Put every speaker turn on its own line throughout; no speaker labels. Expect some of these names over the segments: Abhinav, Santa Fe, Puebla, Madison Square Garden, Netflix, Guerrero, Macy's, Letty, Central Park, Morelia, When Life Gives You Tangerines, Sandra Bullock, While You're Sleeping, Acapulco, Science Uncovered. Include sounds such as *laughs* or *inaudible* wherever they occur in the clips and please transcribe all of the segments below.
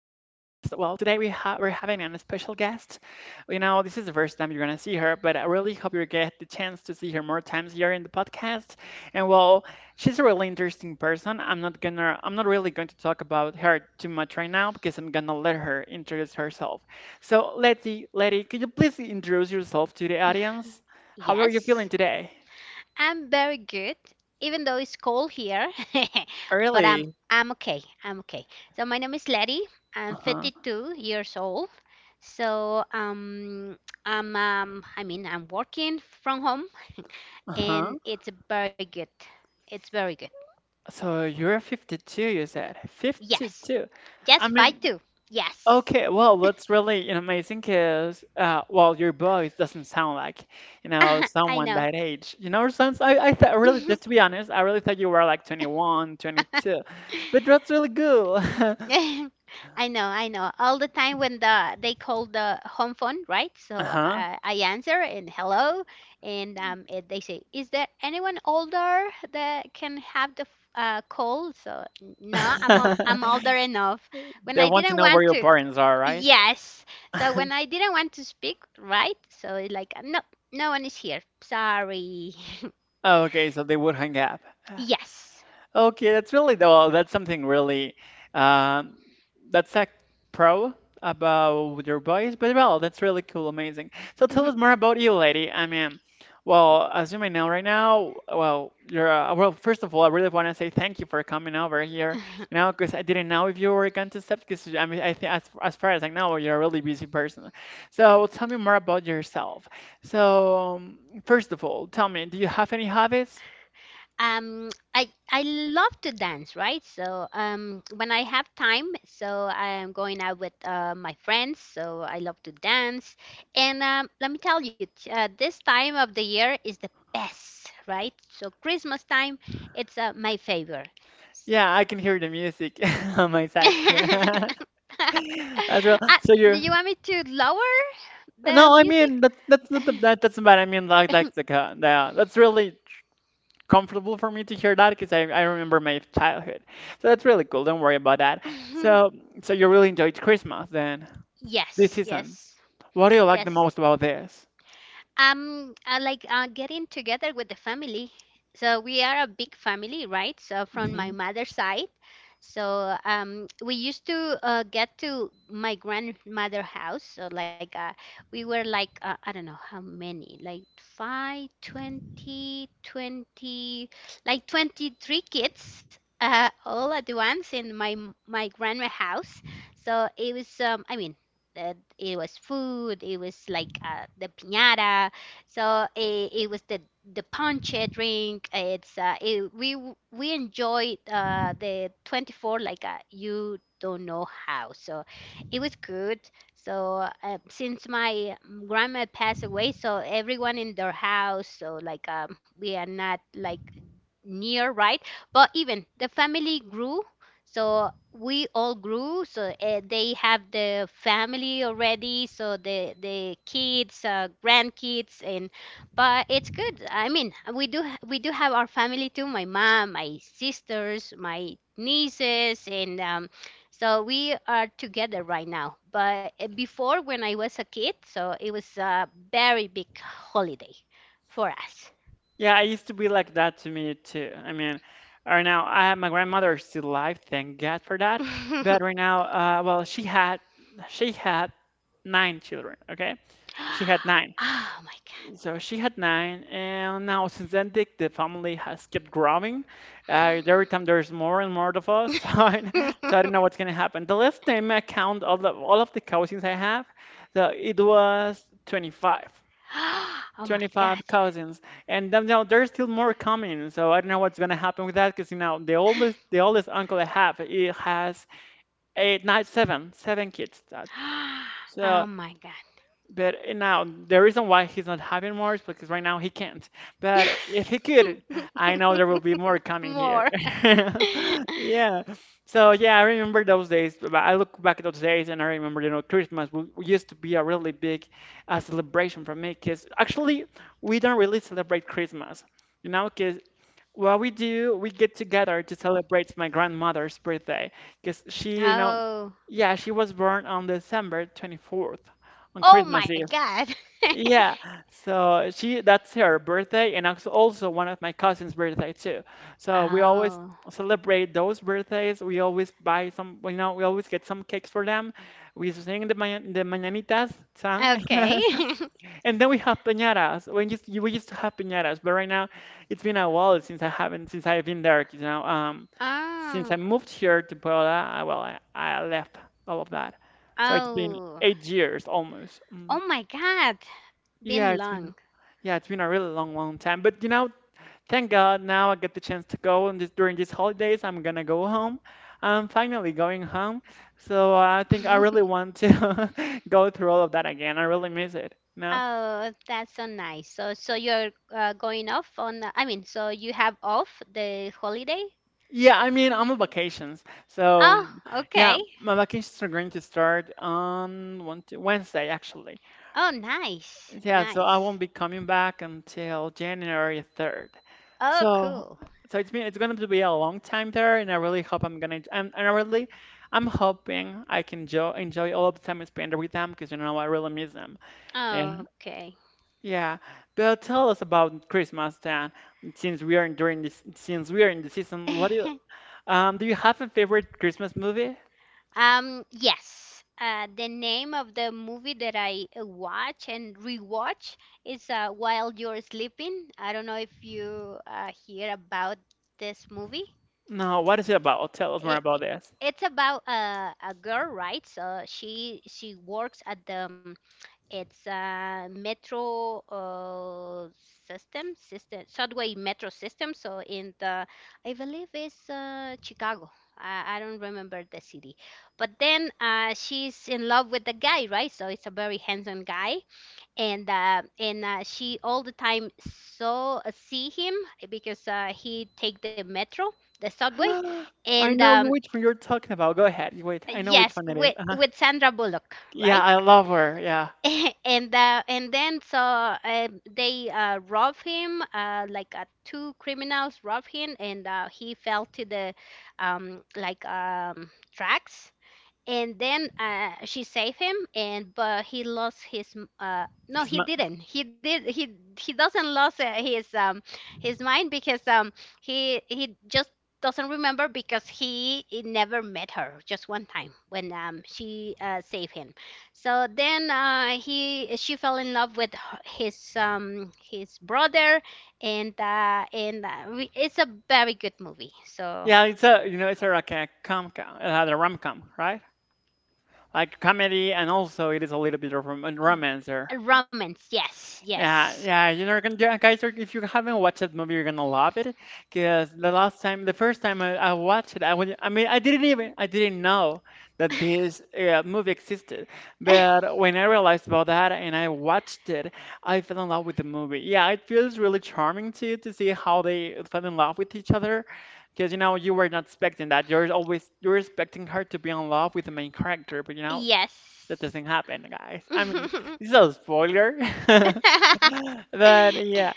Well, today we're having a special guest. You know, this is the first time you're gonna see her, but I really hope you get the chance to see her more times here in the podcast. And well, she's a really interesting person. I'm not really going to talk about her too much right now because I'm gonna let her introduce herself. So, Letty, could you please introduce yourself to the audience? How are you feeling
Yes,
today?
I'm very good, even though it's cold here, *laughs* but I'm
Really?
I'm okay. I'm okay. So my name is Letty.
Uh
I'm
huh.
52 years old. So um, I mean I'm working from home,
Uh huh.
and it's very good. It's very good.
So you're 52, you said.
Yes,
52. I
yes, fight
mean,
too. Yes,
okay, well, that's really amazing because, well, your voice doesn't sound like
*laughs* I
someone
know.
that age. You know, since I thought, really, just to be honest, I really thought you were like 21, 22.
*laughs*
But that's really cool. *laughs*
*laughs* I know, I know. All the time when they call the home phone, right? So
Uh-huh.
I answer and hello, and they say, "Is there anyone older that can have the call?" So, No, I'm older
*laughs*
enough." When
They
I
want to
didn't
know where
want
your
to,
parents are, right?
yes. So
*laughs*
when I didn't want to speak, right? So it's like no, no one is here. Sorry. *laughs*
Okay, so they would hang up.
Yes.
Okay, that's really though that's something really um, that's a pro about your voice, but well, that's really cool, amazing. So tell us more about you, lady. I mean, well, as you may know right now, well, you're, First of all, I really want to say thank you for coming over here. You
*laughs*
know, because I didn't know if you were going to step. Because I mean, I think as far as I know, you're a really busy person. So tell me more about yourself. So um, First of all, tell me, do you have any hobbies?
I love to dance, right? So when I have time, so I am going out with my friends, so I love to dance. And let me tell you, this time of the year is the best. Right? So Christmas time, it's my favorite. So-
Yeah, I can hear the music *laughs* on my
*laughs*
side
uh,
*laughs* as well. So
do you
you're
want me to lower the
no, I
music?
mean that's not the, that's bad. I mean like the ca- the that's really comfortable for me to hear that because I remember my childhood. So that's really cool. Don't worry about that. So
*laughs*
so you really enjoyed Christmas then this
Yes,
season.
yes,
What do you like the
yes.
most about this?
I like getting together with the family. So we are a big family, right? So from my
Mm-hmm.
mother's side. So we used to get to my grandmother house. So like we were like, I don't know how many, like five, 20, 20, like 23 kids, all at once in my grandma house. So it was I mean, it was food, it was like the piñata. So it was the ponche drink. We enjoyed, the 24, like, you don't know how. So it was good. So since my grandma passed away, so everyone in their house, so like, we are not like near, right? But even the family grew, so we all grew. So they have the family already, so the kids, grandkids, and... But it's good. I mean, we do have our family too: my mom, my sisters, my nieces, and, so we are together right now. But before, when I was a kid, so it was a very big holiday for us.
Yeah, it used to be like that to me too. I mean, right now, I, my grandmother is still alive, thank God for that. But right now, well, she had 9 children. Okay, she had 9.
*laughs* Oh my
So she had 9, and now since then, the family has kept growing. Every time there's more and more of us, *laughs*
God.
so I don't know
*laughs*
what's gonna happen. The last time I count all the all of the cousins I have, so it was 25.
*gasps* Oh my
25
God.
cousins, and then, you know, there's still more coming. So I don't know what's gonna happen with that, because you know the oldest uncle I have, he has eight, nine, seven kids.
*gasps*
So
Oh my God.
but now the reason why he's not having more is because right now he can't. But if he could, I know there will be more
*laughs*
coming here.
More.
*laughs*
*laughs*
Yeah. So yeah, I remember those days. But I look back at those days and I remember, you know, used to be a really big celebration for me because actually we don't really celebrate Christmas, you know, 'cause what we do, we get together to celebrate my grandmother's birthday because she, you know,
Oh.
yeah, she was born on December 24th, on
Oh
Christmas
my
Eve.
God.
Yeah, so she that's her birthday and also one of my cousin's birthday too.
*laughs*
So we always
Oh.
celebrate those birthdays. We always buy some, you know, we always get some cakes for them. We sing the mañanitas song *laughs*
Okay. *laughs*
And then we have piñatas. We used to have piñatas, but right now it's been a while since I haven't since I've been there. You know, since
Oh.
I moved here to Puebla, I, well, I left all of that. So it's been
Oh.
8 years almost. Mm.
Oh my God.
Yeah,
Been
it's been
long.
yeah, it's been a really long, long time. But you know, thank God now I get the chance to go. And this during these holidays, I'm gonna go home. I'm finally going home. So I think I really
*laughs*
want to *laughs* go through all of that again. I really miss it. No.
Oh, that's so nice. So you're going off on, I mean, so you have off the holiday?
Yeah,
Uh,
I mean, I'm on vacations. So,
Oh,
yeah,
okay.
my vacations are going to start on one, Wednesday, actually.
Oh, nice.
Yeah, so I
Nice.
won't be coming back until January 3rd.
Oh,
So,
cool.
so it's been, it's going to be a long time there, and I really hope I'm gonna, I'm, and I really, I'm hoping I can enjoy, enjoy all of the time I spend with them because, you know, I really miss them. Yeah.
Okay.
Yeah, but tell us about Christmas then, since we are in the season, what do
*laughs*
do you have a favorite Christmas movie?
Yes. The name of the movie that I watch and rewatch is While You're Sleeping. I don't know if you hear about this movie.
No, what is it about? Tell us more
It,
about this.
it's about a girl, right? So she works at the it's a metro, subway metro system. So I believe it's Chicago. I don't remember the city. But then she's in love with the guy, right? So it's a very handsome guy, and she all the time saw see him because he take the metro, the subway,
*gasps*
and
I know which one you're talking about. Go ahead. Wait, I know which
yes,
one it is.
with
Uh-huh.
with Sandra Bullock,
Yeah,
right?
I love her. Yeah,
*laughs* And then, so they rob him, like, two criminals rob him, and he fell to the, like, tracks. And then she saved him, and but he lost his no,
she's
he
my,
didn't, he did, he doesn't lose his mind because he just doesn't remember because he never met her just one time when she saved him. So then he she fell in love with his brother. and uh, and uh, it's a very good movie, so...
yeah. It's a you know it's a like a com com, the rom com, right? Like comedy, and also it is a little bit of
y-
romance there.
Romance, yes,
Yeah,
yes.
yeah, you know, yeah, guys, if you haven't watched that movie, you're gonna love it. Because the first time I watched it, I would, I mean, I didn't even, I didn't know that
*laughs*
this movie existed.
*laughs*
But when I realized about that and I watched it, I fell in love with the movie. Yeah, it feels really charming to see how they fell in love with each other. Because you know, you were not expecting that. You're always you're expecting her to be in love with the main character, but you know, that
Yes.
doesn't happen, guys. I mean, this is
*laughs*
a spoiler. *laughs* But yeah,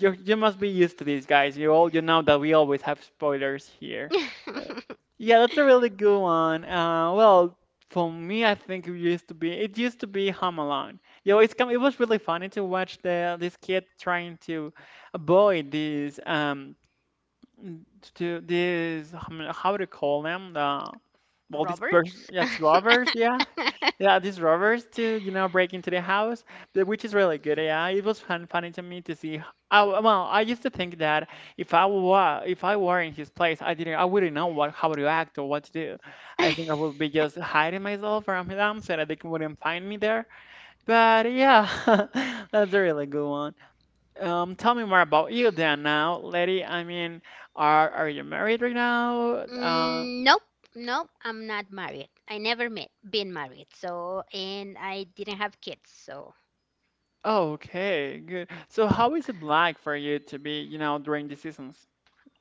you must be used to these guys. You know that we always have spoilers here. Uh, Yeah, that's a really good one. Well, for me, I think it used to be Home Alone. Yo, it's come. It was really funny to watch the this kid trying to avoid n- these how to call them these person
Robbers?
that's robbers. Yeah, yeah, these robbers to, you know, break into the house, but which is really good. Yeah, it was funny to me to see. How, well, I used to think that if I were in his place, I wouldn't know what how to act or what to do. I think I would be just hiding myself from them so that they wouldn't find me there. But yeah, *laughs* that's a really good one. Tell me more about you then now, lady. I mean, are you married right now?
Mm, nope, nope. I'm not married. I never met been married, so and I didn't have kids, so...
Oh, okay, good. So how is it like for you to be, you know, during the seasons?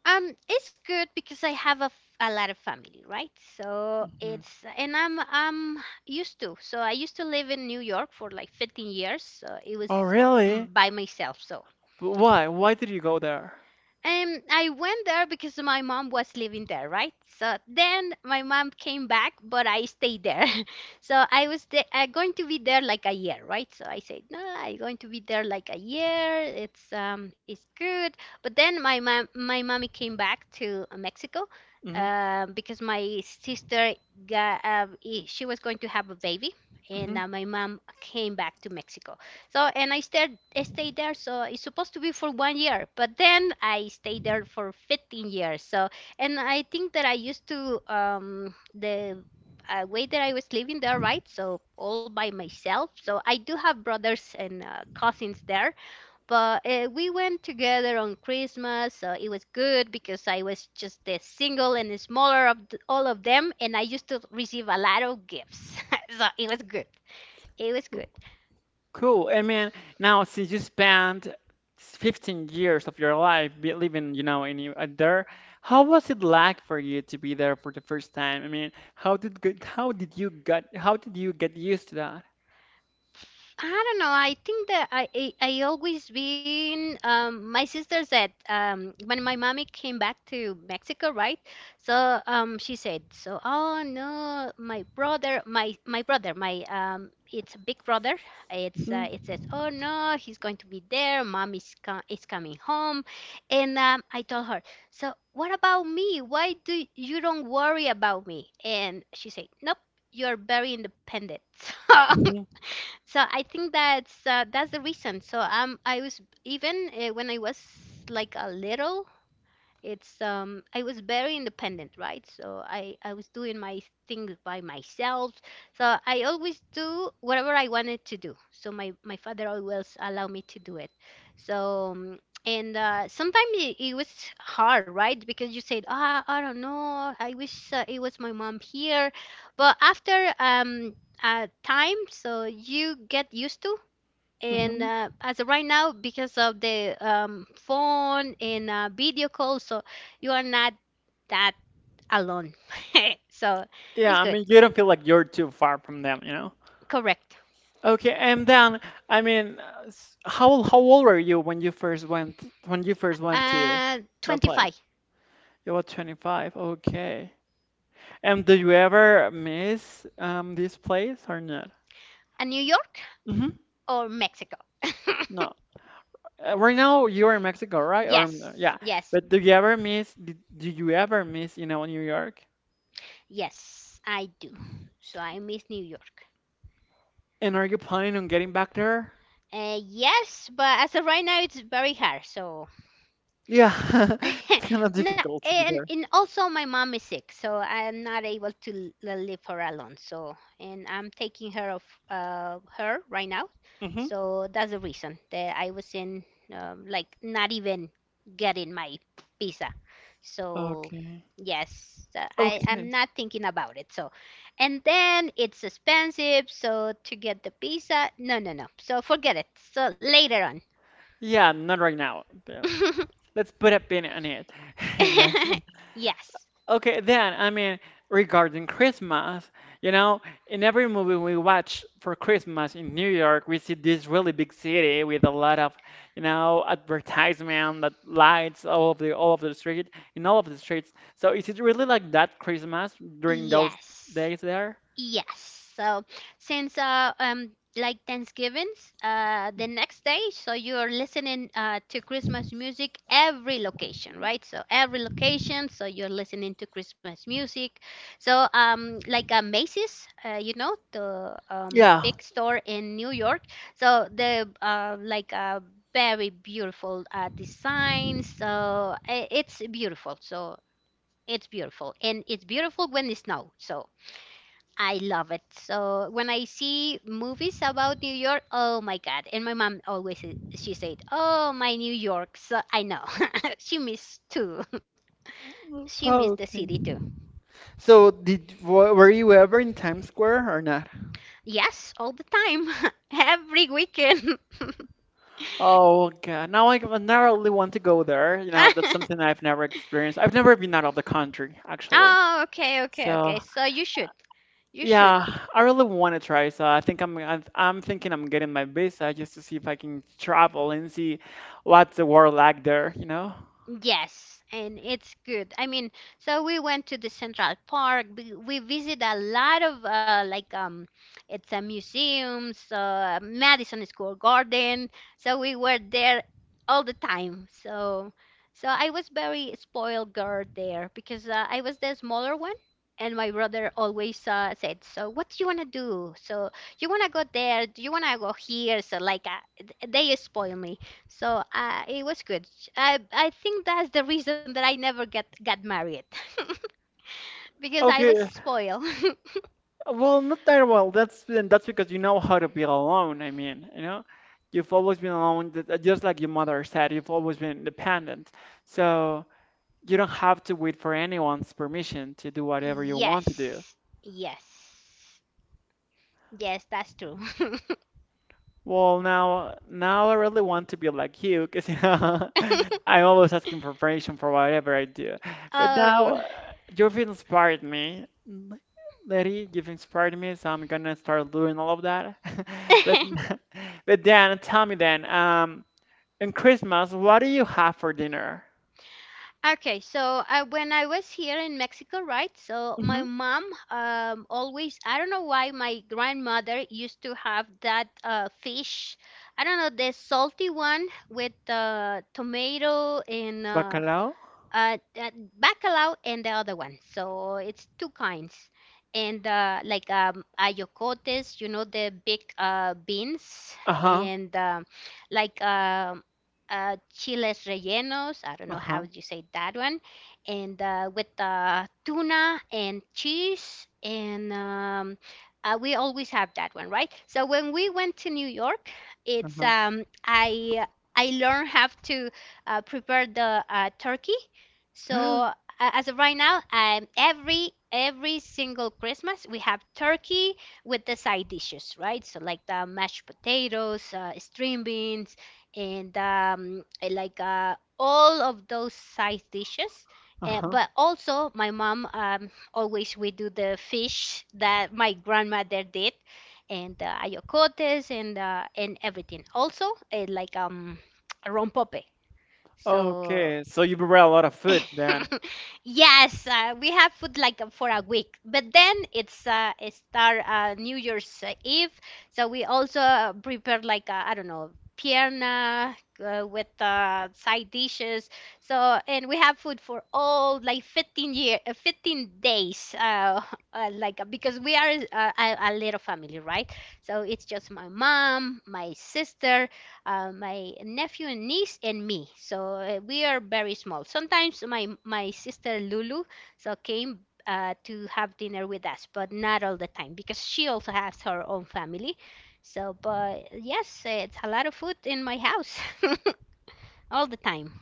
It's good because I have a lot of family, right? So
Hmm.
it's, and I'm used to. So I used to live in New York for like 15 years. So it was
Oh, really?
by myself. So
But why? Why did you go there?
I went there because my mom was living there, right? So then my mom came back, but I stayed there. *laughs* So I was the going to be there like a year, right? So I said, no, I'm going to be there like a year. It's good. But then my mommy came back to Mexico,
Hmm.
because my sister she was going to have a baby, and
Hmm.
my mom came back to Mexico. So, and I stayed there. So it's supposed to be for one year, but then I stayed there for 15 years. So, and I think that I used to, the way that I was living there, right? So all by myself. So I do have brothers and cousins there, but we went together on Christmas. So it was good because I was just the single and the smaller of th all of them, and I used to receive a lot of gifts. *laughs* So it was good. It was good.
Cool. I mean, now since you spent 15 years of your life be living, you know, there, how was it like for you to be there for the first time? I mean, how did you get used to that?
I don't know. I think that I always been, my sister said, when my mommy came back to Mexico, right? So she said, so oh no, my brother, my brother, my it's a big brother.
Hmm.
It says, oh no, he's going to be there. Mom is coming home, and I told her, so what about me? Why do you don't worry about me? And she said, nope, you're very independent. *laughs*
Hmm.
So I think that's the reason. So I was, even when I was like a little, it's I was very independent, right? So I was doing my things by myself. So I always do whatever I wanted to do, so my father always allowed me to do it. So, and sometimes it was hard. Right? Because you said, ah, I don't know, I wish it was my mom here. But after time, so you get used to. And
Hmm.
as of right now, because of the phone and video call, so you are not that alone. *laughs* So
Yeah,
it's
I
good.
mean, you don't feel like you're too far from them, you know?
Correct.
Okay, and then I mean, how old were you when you first went when you first went to the place?
25.
You were 25. Okay. And do you ever miss this place or not?
New York
Hmm.
or Mexico?
No. Right now you're in Mexico,
*laughs*
right? Or
Yes,
yeah.
yes.
But do you ever do you ever miss, you know, New York?
Yes, I do, so I miss New York.
And are you planning on getting back there?
Yes, but as of right now it's very hard, so...
Yeah. *laughs*
*laughs*
It's kind of
No,
difficult to be
and
there.
and also my mom is sick, so I'm not able to leave her alone. So, and I'm taking care of, her right now.
Hmm.
So that's the reason that I was in, like not even getting my visa. So
Okay.
yes, I'm
Okay.
not thinking about it. So, and then it's expensive. So to get the visa, no, no, no. So forget it. So later on.
Yeah, not right now. Yeah. Let's put a pin on it. *laughs* And
*laughs* Yes.
okay, then I mean regarding Christmas, you know, in every movie we watch for Christmas in New York, we see this really big city with a lot of, you know, advertisement that lights all of the street in all of the streets. So is it really like that Christmas during those
Yes.
days there?
Yes. So since like Thanksgiving's the next day, so you're listening to Christmas music every location, right? So every location, so you're listening to Christmas music. So like Macy's, the
Yeah.
big store in New York. So the like very beautiful design. So it's beautiful. So it's beautiful, and it's beautiful when it snows. So I love it. So when I see movies about New York, oh my God. And my mom always she said, "Oh, my New York." So I know. *laughs* She missed too. *laughs* She missed the
Oh,
city
okay.
too.
So did were you ever in Times Square or not?
Yes, all the time. *laughs* Every weekend. *laughs*
Oh God! Now really want to go there. You know, that's something I've never experienced. I've never been out of the country actually.
Oh, okay, okay,
So
okay. So you should. You should.
yeah, I really want to try. So I think I'm thinking I'm getting my visa just to see if I can travel and see what's the world like there. You know?
Yes, and it's good. I mean, so we went to the Central Park. We visit a lot of like it's a museums, Madison Square Garden. So we were there all the time. So, I was very spoiled girl there because I was the smaller one, and my brother always said, "So what do you wanna do? So you wanna go there? Do you wanna go here?" So like they spoil me. So it was good. I think that's the reason that I never get got married *laughs* because I was
Okay.
spoiled.
Well, not that well. That's and that's because you know how to be alone. I mean, you know, you've always been alone, just like your mother said. You've always been independent. So. You don't have to wait for anyone's permission to do
*laughs*
whatever you want to do.
Yes, yes, yes, that's true.
Well, now I really want to be like you, because you know, *laughs*
*laughs*
I'm always asking for permission for whatever I do. But now
Oh.
you've inspired me, Lady. You've inspired me, so I'm gonna start doing all of that. *laughs* But,
*laughs*
*laughs* but then, tell me then, in Christmas, what do you have for dinner?
Okay. So when I was here in Mexico, right? So
Mm-hmm.
my mom, always... I don't know why my grandmother used to have that fish. I don't know, the salty one with tomato and...
Bacalao?
uh, uh, Bacalao and the other one. So it's two kinds. And like ayocotes, you know, the big beans,
Uh-huh.
and like um chiles rellenos. I don't know how
Uh-huh.
you say that one. And with tuna and cheese, and we always have that one, right? So when we went to New York, it's
Uh-huh.
I learned how to prepare the turkey, so as of right now, every single Christmas we have turkey with the side dishes, right? So like the mashed potatoes, string beans, and all of those side dishes. But
*gasps*
also my mom, always we do the fish that my grandmother did, and ayocotes and everything. Also uh, like um rompope. So
Okay, so you prepare a lot of food then.
*laughs* yes, we have food like for a week, but then it's our New Year's Eve, so we also prepare like I don't know, pierna with side dishes. So and we have food for all like 15 days, *laughs* because we are a little family, right? So it's just my mom, my sister, my nephew and niece and me. So we are very small. Sometimes my sister Lulu so came to have dinner with us, but not all the time because she also has her own family. So, but yes, it's a lot of food in my house *laughs* all the time.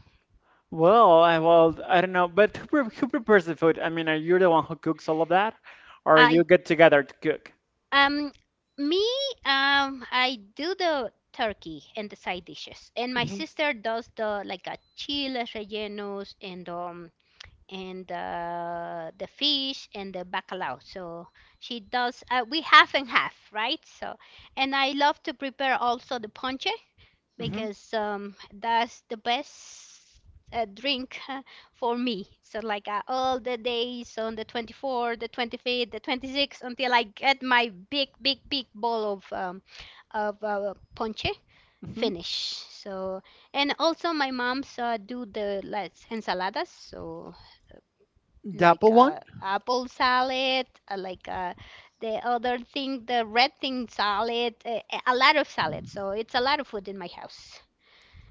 Well, I don't know, but who prepares the food? I mean, are you the one who cooks all of that, or you
I
get together to cook?
um me I do the turkey and the side dishes, and my
Hmm.
sister does the like a chiles rellenos and the fish and the bacalao. So she does. We half and half, right? So, and I love to prepare also the ponche
Hmm.
because that's the best drink *laughs* for me. So like all the days on the 24th, the 25th, the 26th until I get my big, big, big bowl of ponche
Hmm.
finish. So and also my mom's do the like ensaladas. So like
Double one?
apple salad, the other thing, the red thing salad, a lot of salad. So it's a lot of food in my house.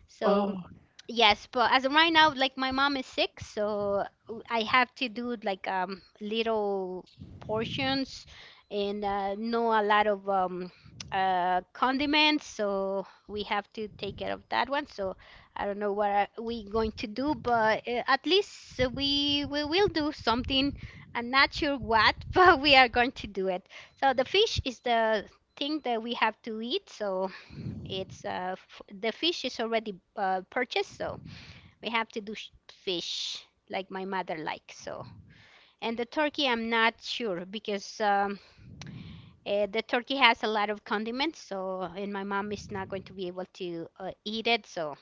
So
Oh,
yes, but as of right now, like my mom is sick, so I have to do like little portions and no a lot of condiments, so we have to take care of that one. So I don't know what are we going to do, but at least we will do something. I'm not sure what, *laughs* but we are going to do it. So the fish is the thing that we have to eat, so it's f the fish is already purchased, so. We have to do fish like my mother likes. So, and the turkey, I'm not sure because the turkey has a lot of condiments. So, and my mom is not going to be able to eat it. So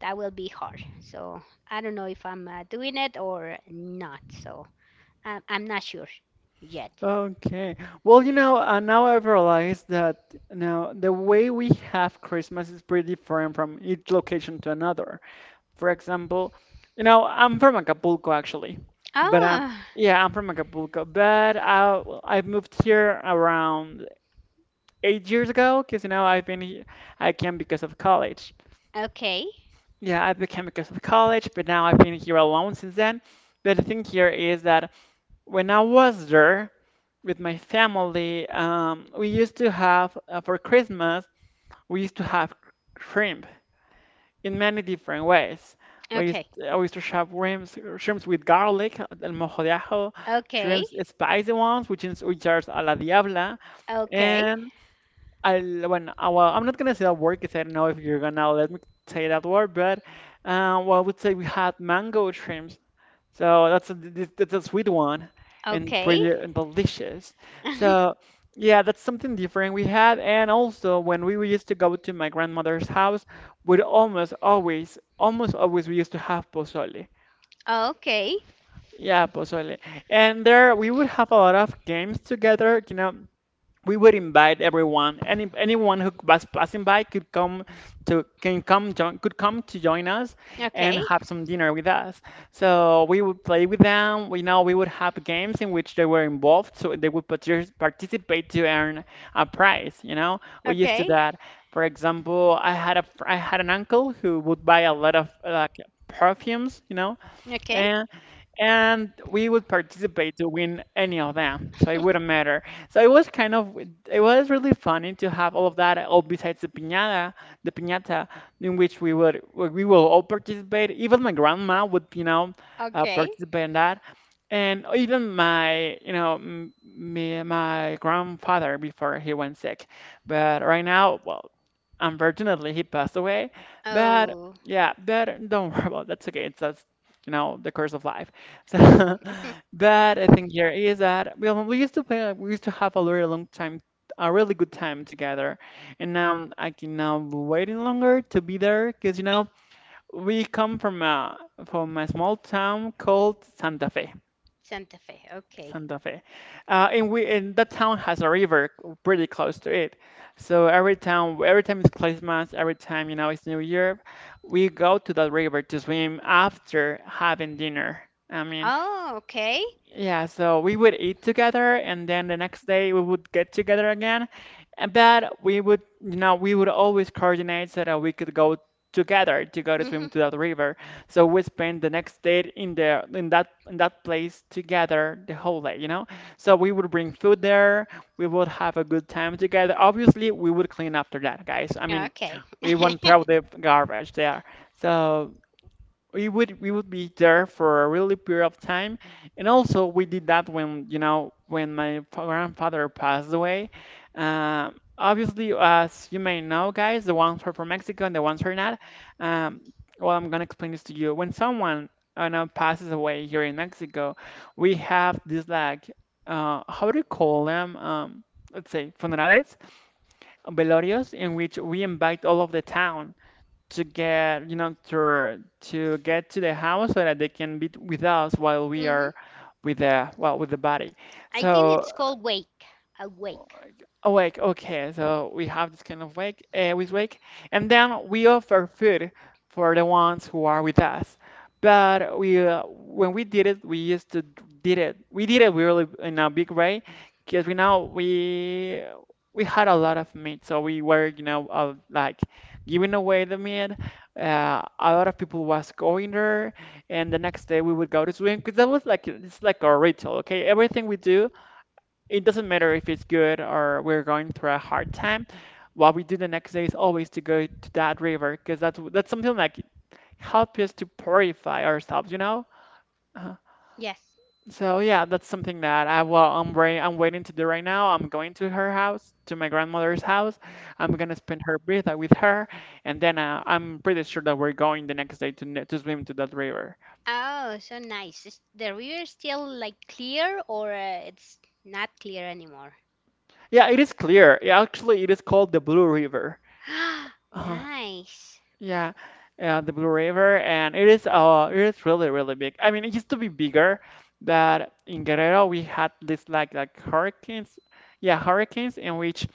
that will be hard. So I don't know if I'm doing it or not. So I'm not sure yet.
okay. Well, you know, now I've realized that now the way we have Christmas is pretty different from each location to another. For example, you know, I'm from Acapulco actually, but
Ah,
yeah, I'm from Acapulco, but I've moved here around 8 years ago because you know I came because of college.
okay,
Yeah, I became because of college, but now I've been here alone since then. But the thing here is that when I was there with my family, we used to have for Christmas we used to have shrimp in many different ways.
okay,
I used to have shrimps with garlic, el mojo de ajo,
okay,
shrimps spicy ones, which are a la diabla,
okay,
and well, I'm not gonna say that word because I don't know if you're gonna let me say that word, but well, I would say we had mango shrimps. So that's a sweet one and
okay,
pretty and delicious.
*laughs*
So yeah, that's something different we had. And also when we used to go to my grandmother's house, we'd almost always we used to have pozole.
okay,
Yeah, pozole. And there we would have a lot of games together. You know, we would invite everyone, anyone who was passing by could come to join us and
okay,
have some dinner with us. So we would play with them. We know we would have games in which they were involved, so they would participate to earn a prize, you know, we used to
okay,
that. For example, I had an uncle who would buy a lot of like perfumes, you know,
okay,
and and we would participate to win any of them, so it wouldn't matter. So it was kind of, it was really funny to have all of that, all besides the piñata in which we will all participate, even my grandma would, you know,
*laughs* okay.
participate in that, and even my you know m- me, my grandfather before he went sick, but right now, well, unfortunately he passed away. But
Oh,
yeah, but don't worry about that's okay. It's that's you know, the curse of life. So, *laughs*
*laughs*
but I think here is that we used to play, we used to have a really good time together, and now I can now waiting longer to be there because you know we come from a small town called Santa Fe.
Santa Fe. Okay.
Santa Fe, and that town has a river pretty close to it. So every time it's Christmas, every time you know it's New Year, we go to that river to swim after having dinner. I mean,
Oh, okay.
yeah, so we would eat together and then the next day we would get together again. And But we would always coordinate so that we could go together to go to
Mm-hmm.
swim to that river. So we spent the next day in there in that place together the whole day, you know? So we would bring food there, we would have a good time together. Obviously, we would clean after that, guys. I mean,
Okay. *laughs*
we won't throw
Mm-hmm.
the garbage there. So we would be there for a really period of time, and also we did that when you know when my grandfather passed away. Obviously, as you may know guys, the ones who are from Mexico and the ones who are not, um, well, I'm going to explain this to you. When someone you know passes away here in Mexico, we have this like how do you call them, let's say funerales, velorios, in which we invite all of the town to get, you know, to get to the house so that they can be with us while we are with the well, with the body.
I think
So
it's called wake. A wake.
Awake, okay, so we have this kind of wake with wake, and then we offer food for the ones who are with us. But when we did it, we used to did it. We did it really in a big way, because we know we had a lot of meat, so we were, you know, like giving away the meat. A lot of people was going there, and the next day we would go to swim because that was like it's like a ritual. Okay, everything we do, it doesn't matter if it's good or we're going through a hard time. What we do the next day is always to go to that river because that's something like help us to purify ourselves, you know? Uh,
Yes.
so yeah, that's something that I'm waiting to do right now. I'm going to her house, to my grandmother's house. I'm gonna spend her birthday with her, and then I'm pretty sure that we're going the next day to swim to that river.
Oh, so nice. Is the river still like clear or it's not clear anymore?
Yeah, it is clear. Yeah, actually, it is called the Blue River.
*gasps*
uh
Nice.
Yeah, the Blue River, and it is it is really really big. I mean, it used to be bigger, but in Guerrero we had this like hurricanes, yeah, hurricanes in which,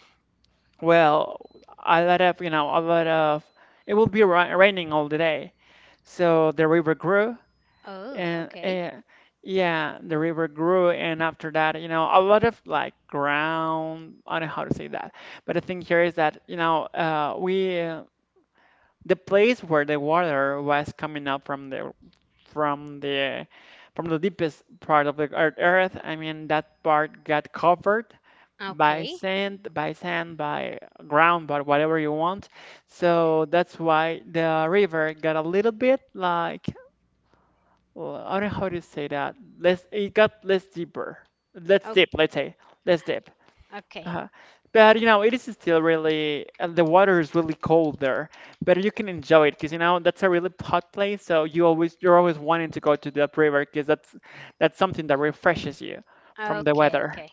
well, a lot of it would be ra raining all the day, so the river grew
Oh,
and,
okay.
and yeah, the river grew, and after that you know a lot of like ground. I don't know how to say that, but the thing here is that you know, we the place where the water was coming up from the from the from the deepest part of the earth. I mean, that part got covered by
Okay.
sand, by ground, by whatever you want. So that's why the river got a little bit like, well, I don't know how to say that. Less, it got less deeper. Less
Oh,
deep, let's say. Less deep.
okay.
Uh, but you know, it is still really, the water is really cold there, but you can enjoy it because you know that's a really hot place. So you're always wanting to go to that river because that's something that refreshes you from the
Okay,
weather.
okay.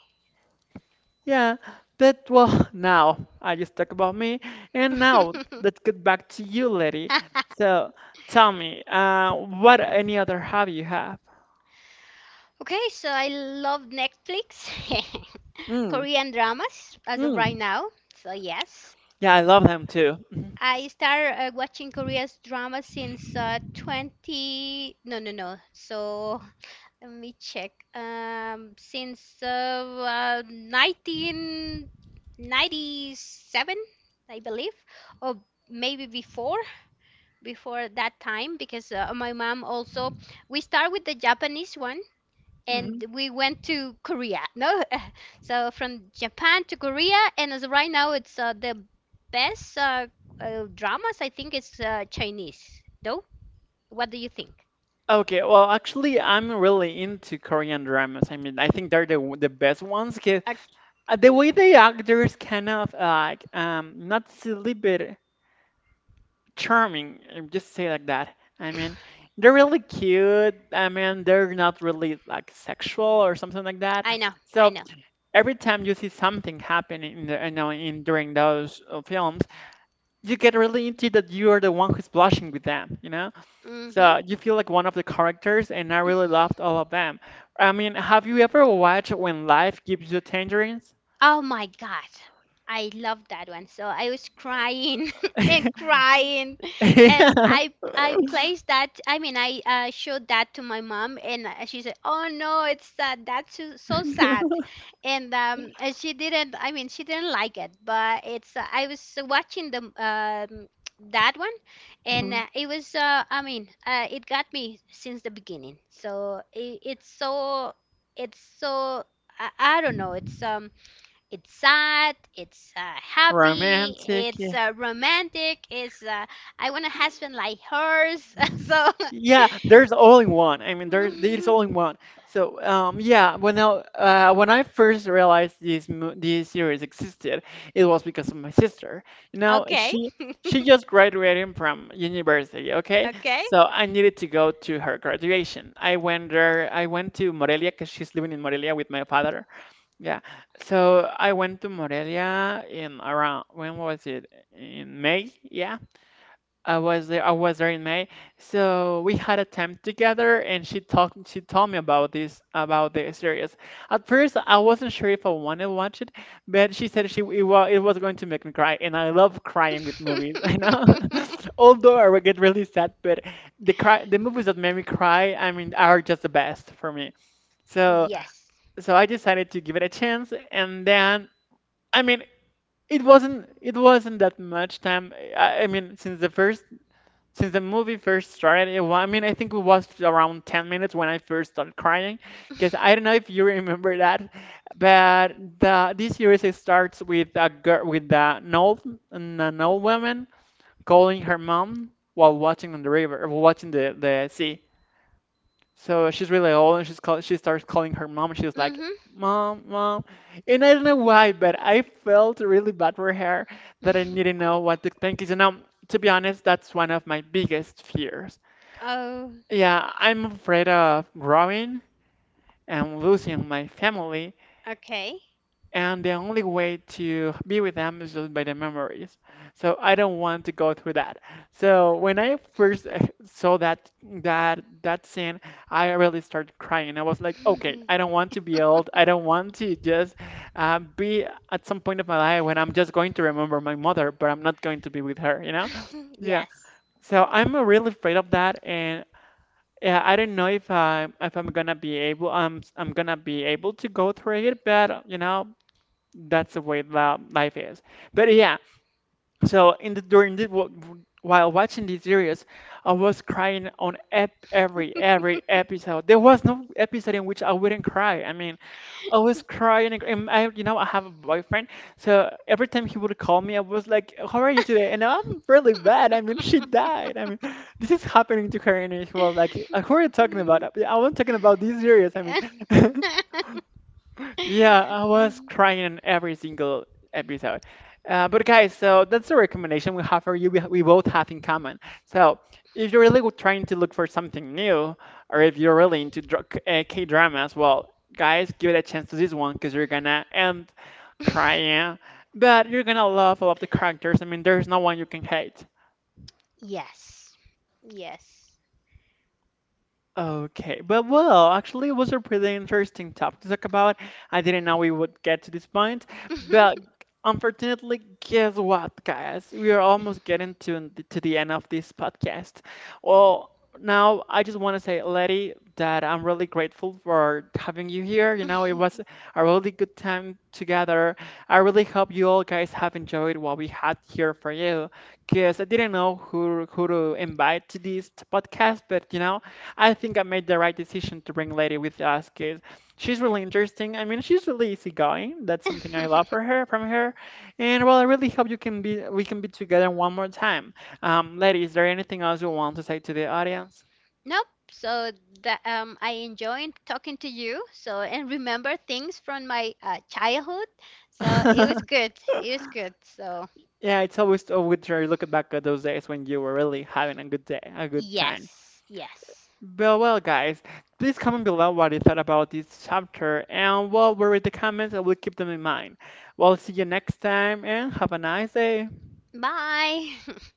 Yeah, but well, *laughs* now I just talk about me, and now let's
*laughs*
get back to you, lady. So tell me, what any other hobby you have?
Okay, so I love Netflix. *laughs*
Mm,
Korean dramas as of right
mm.
now. So yes,
Yeah, I love them too.
I started watching Korea's drama since 20, no no no. So let me check. Since 1997, I believe, or maybe before that time because my mom also, we start with the Japanese one and we went to Korea. No, *laughs* so from Japan to Korea, and as of right now, it's the best dramas. I think it's Chinese. Though, what do you think?
Okay, well, actually, I'm really into Korean dramas. I mean, I think they're the best ones. 'Cause,
I,
the way the actors kind of like, not silly but charming. Just say like that. I mean,
*coughs*
they're really cute. I mean, they're not really like sexual or something like that.
I know, I
So
know.
every time you see something happening in during those films, you get really into that. You are the one who's blushing with them. You know,
Mm-hmm.
so you feel like one of the characters, and I really loved all of them. I mean, have you ever watched When Life Gives You Tangerines?
Oh my God. I love that one. So I was crying *laughs* and
*laughs*
crying, and
Yeah,
I placed that, I mean I showed that to my mom and she said, "Oh no, it's sad. That's so, so sad." And she didn't, I mean she didn't like it, but it's I was watching the that one, and it
*laughs*
was I mean it got me since the beginning. So it's so, it's so I, I don't know. It's sad, it's happy,
romantic.
it's romantic, it's I want a husband like hers. *laughs* So,
Yeah, there's only one. I mean, there's
*laughs*
only one. So, yeah, when I first realized this series existed, it was because of my sister. You know,
okay,
she just graduated from university, okay?
okay.
So I needed to go to her graduation. I went there. I went to Morelia because she's living in Morelia with my father. Yeah. So I went to Morelia in around, when was it? In May? Yeah. I was there. I was there in May. So we had a time together, and she talked. She told me about the series. At first, I wasn't sure if I wanted to watch it, but she said she it was going to make me cry, and I love crying with movies. *laughs* You know, *laughs*
*laughs*
although I would get really sad, but the movies that made me cry, I mean, are just the best for me. So
Yes.
so I decided to give it a chance, and then I mean. It wasn't. It wasn't that much time. I mean, since the first since the movie first started, it, wa- I mean, I think it was around 10 minutes when I first started crying, because I don't know if you *laughs* remember that, but the this series it starts with a girl with a- an old an old woman calling her mom while watching on the river, watching the sea. So she's really old and she starts calling her mom. She's like,
Mhm.
"Mom, mom," and I don't know why, but I felt really bad for her that I didn't know what to think. Because you know, to be honest, that's one of my biggest fears.
Oh,
Yeah, I'm afraid of growing and losing my family,
okay.
and the only way to be with them is just by the memories. So I don't want to go through that. So when I first saw that scene, I really started crying. I was like, okay, I don't want to be old. I don't want to just be at some point of my life when I'm just going to remember my mother, but I'm not going to be with her, you know?
*laughs*
Yeah.
Yes.
So I'm really afraid of that, and yeah, I don't know if I'm gonna be able I'm gonna be able to go through it, but you know that's the way that life is. But yeah, so in the during the wa- while watching this series, I was crying on ep every episode. There was no episode in which I wouldn't cry. I mean, always crying. And I, you know, I have a boyfriend, so every time he would call me, I was like, "How are you today?" And I'm really bad. I mean, she died. I mean,
*laughs*
this is happening to her, and he was like, "Who are you talking about? I wasn't talking about these serious. I mean." *laughs* Yeah, I was crying in every single episode. But guys, so that's the recommendation we have for you. We both have in common. So if you're really trying to look for something new, or if you're really into K-dramas, well, guys, give it a chance to this one because you're gonna end crying, but you're gonna love all of the characters. I mean, there's no one you can hate.
Yes. Yes.
Okay, but well, actually, it was a pretty interesting topic to talk about. I didn't know we would get to this point, but
*laughs*
unfortunately, guess what, guys? We are almost getting to the end of this podcast. Well, now I just want to say, Letty, that I'm really grateful for having you here. You know, it was a really good time together. I really hope you all guys have enjoyed what we had here for you, because I didn't know who to invite to this podcast, but you know. I think I made the right decision to bring Lady with us because she's really interesting. I mean, she's really easygoing. That's something I love for her from her. And well, I really hope you can be we can be together one more time. Lady, is there anything else you want to say to the audience?
Nope. So that, I enjoyed talking to you. So and remember things from my childhood. So it was
*laughs*
good. It was good. So
Yeah, it's always a good to look back at those days when you were really having a good day, a good time.
yes, yes.
But well, guys, please comment below what you thought about this chapter, and well, we'll read the comments and we'll keep them in mind. Well, see you next time, and have a nice day.
Bye. *laughs*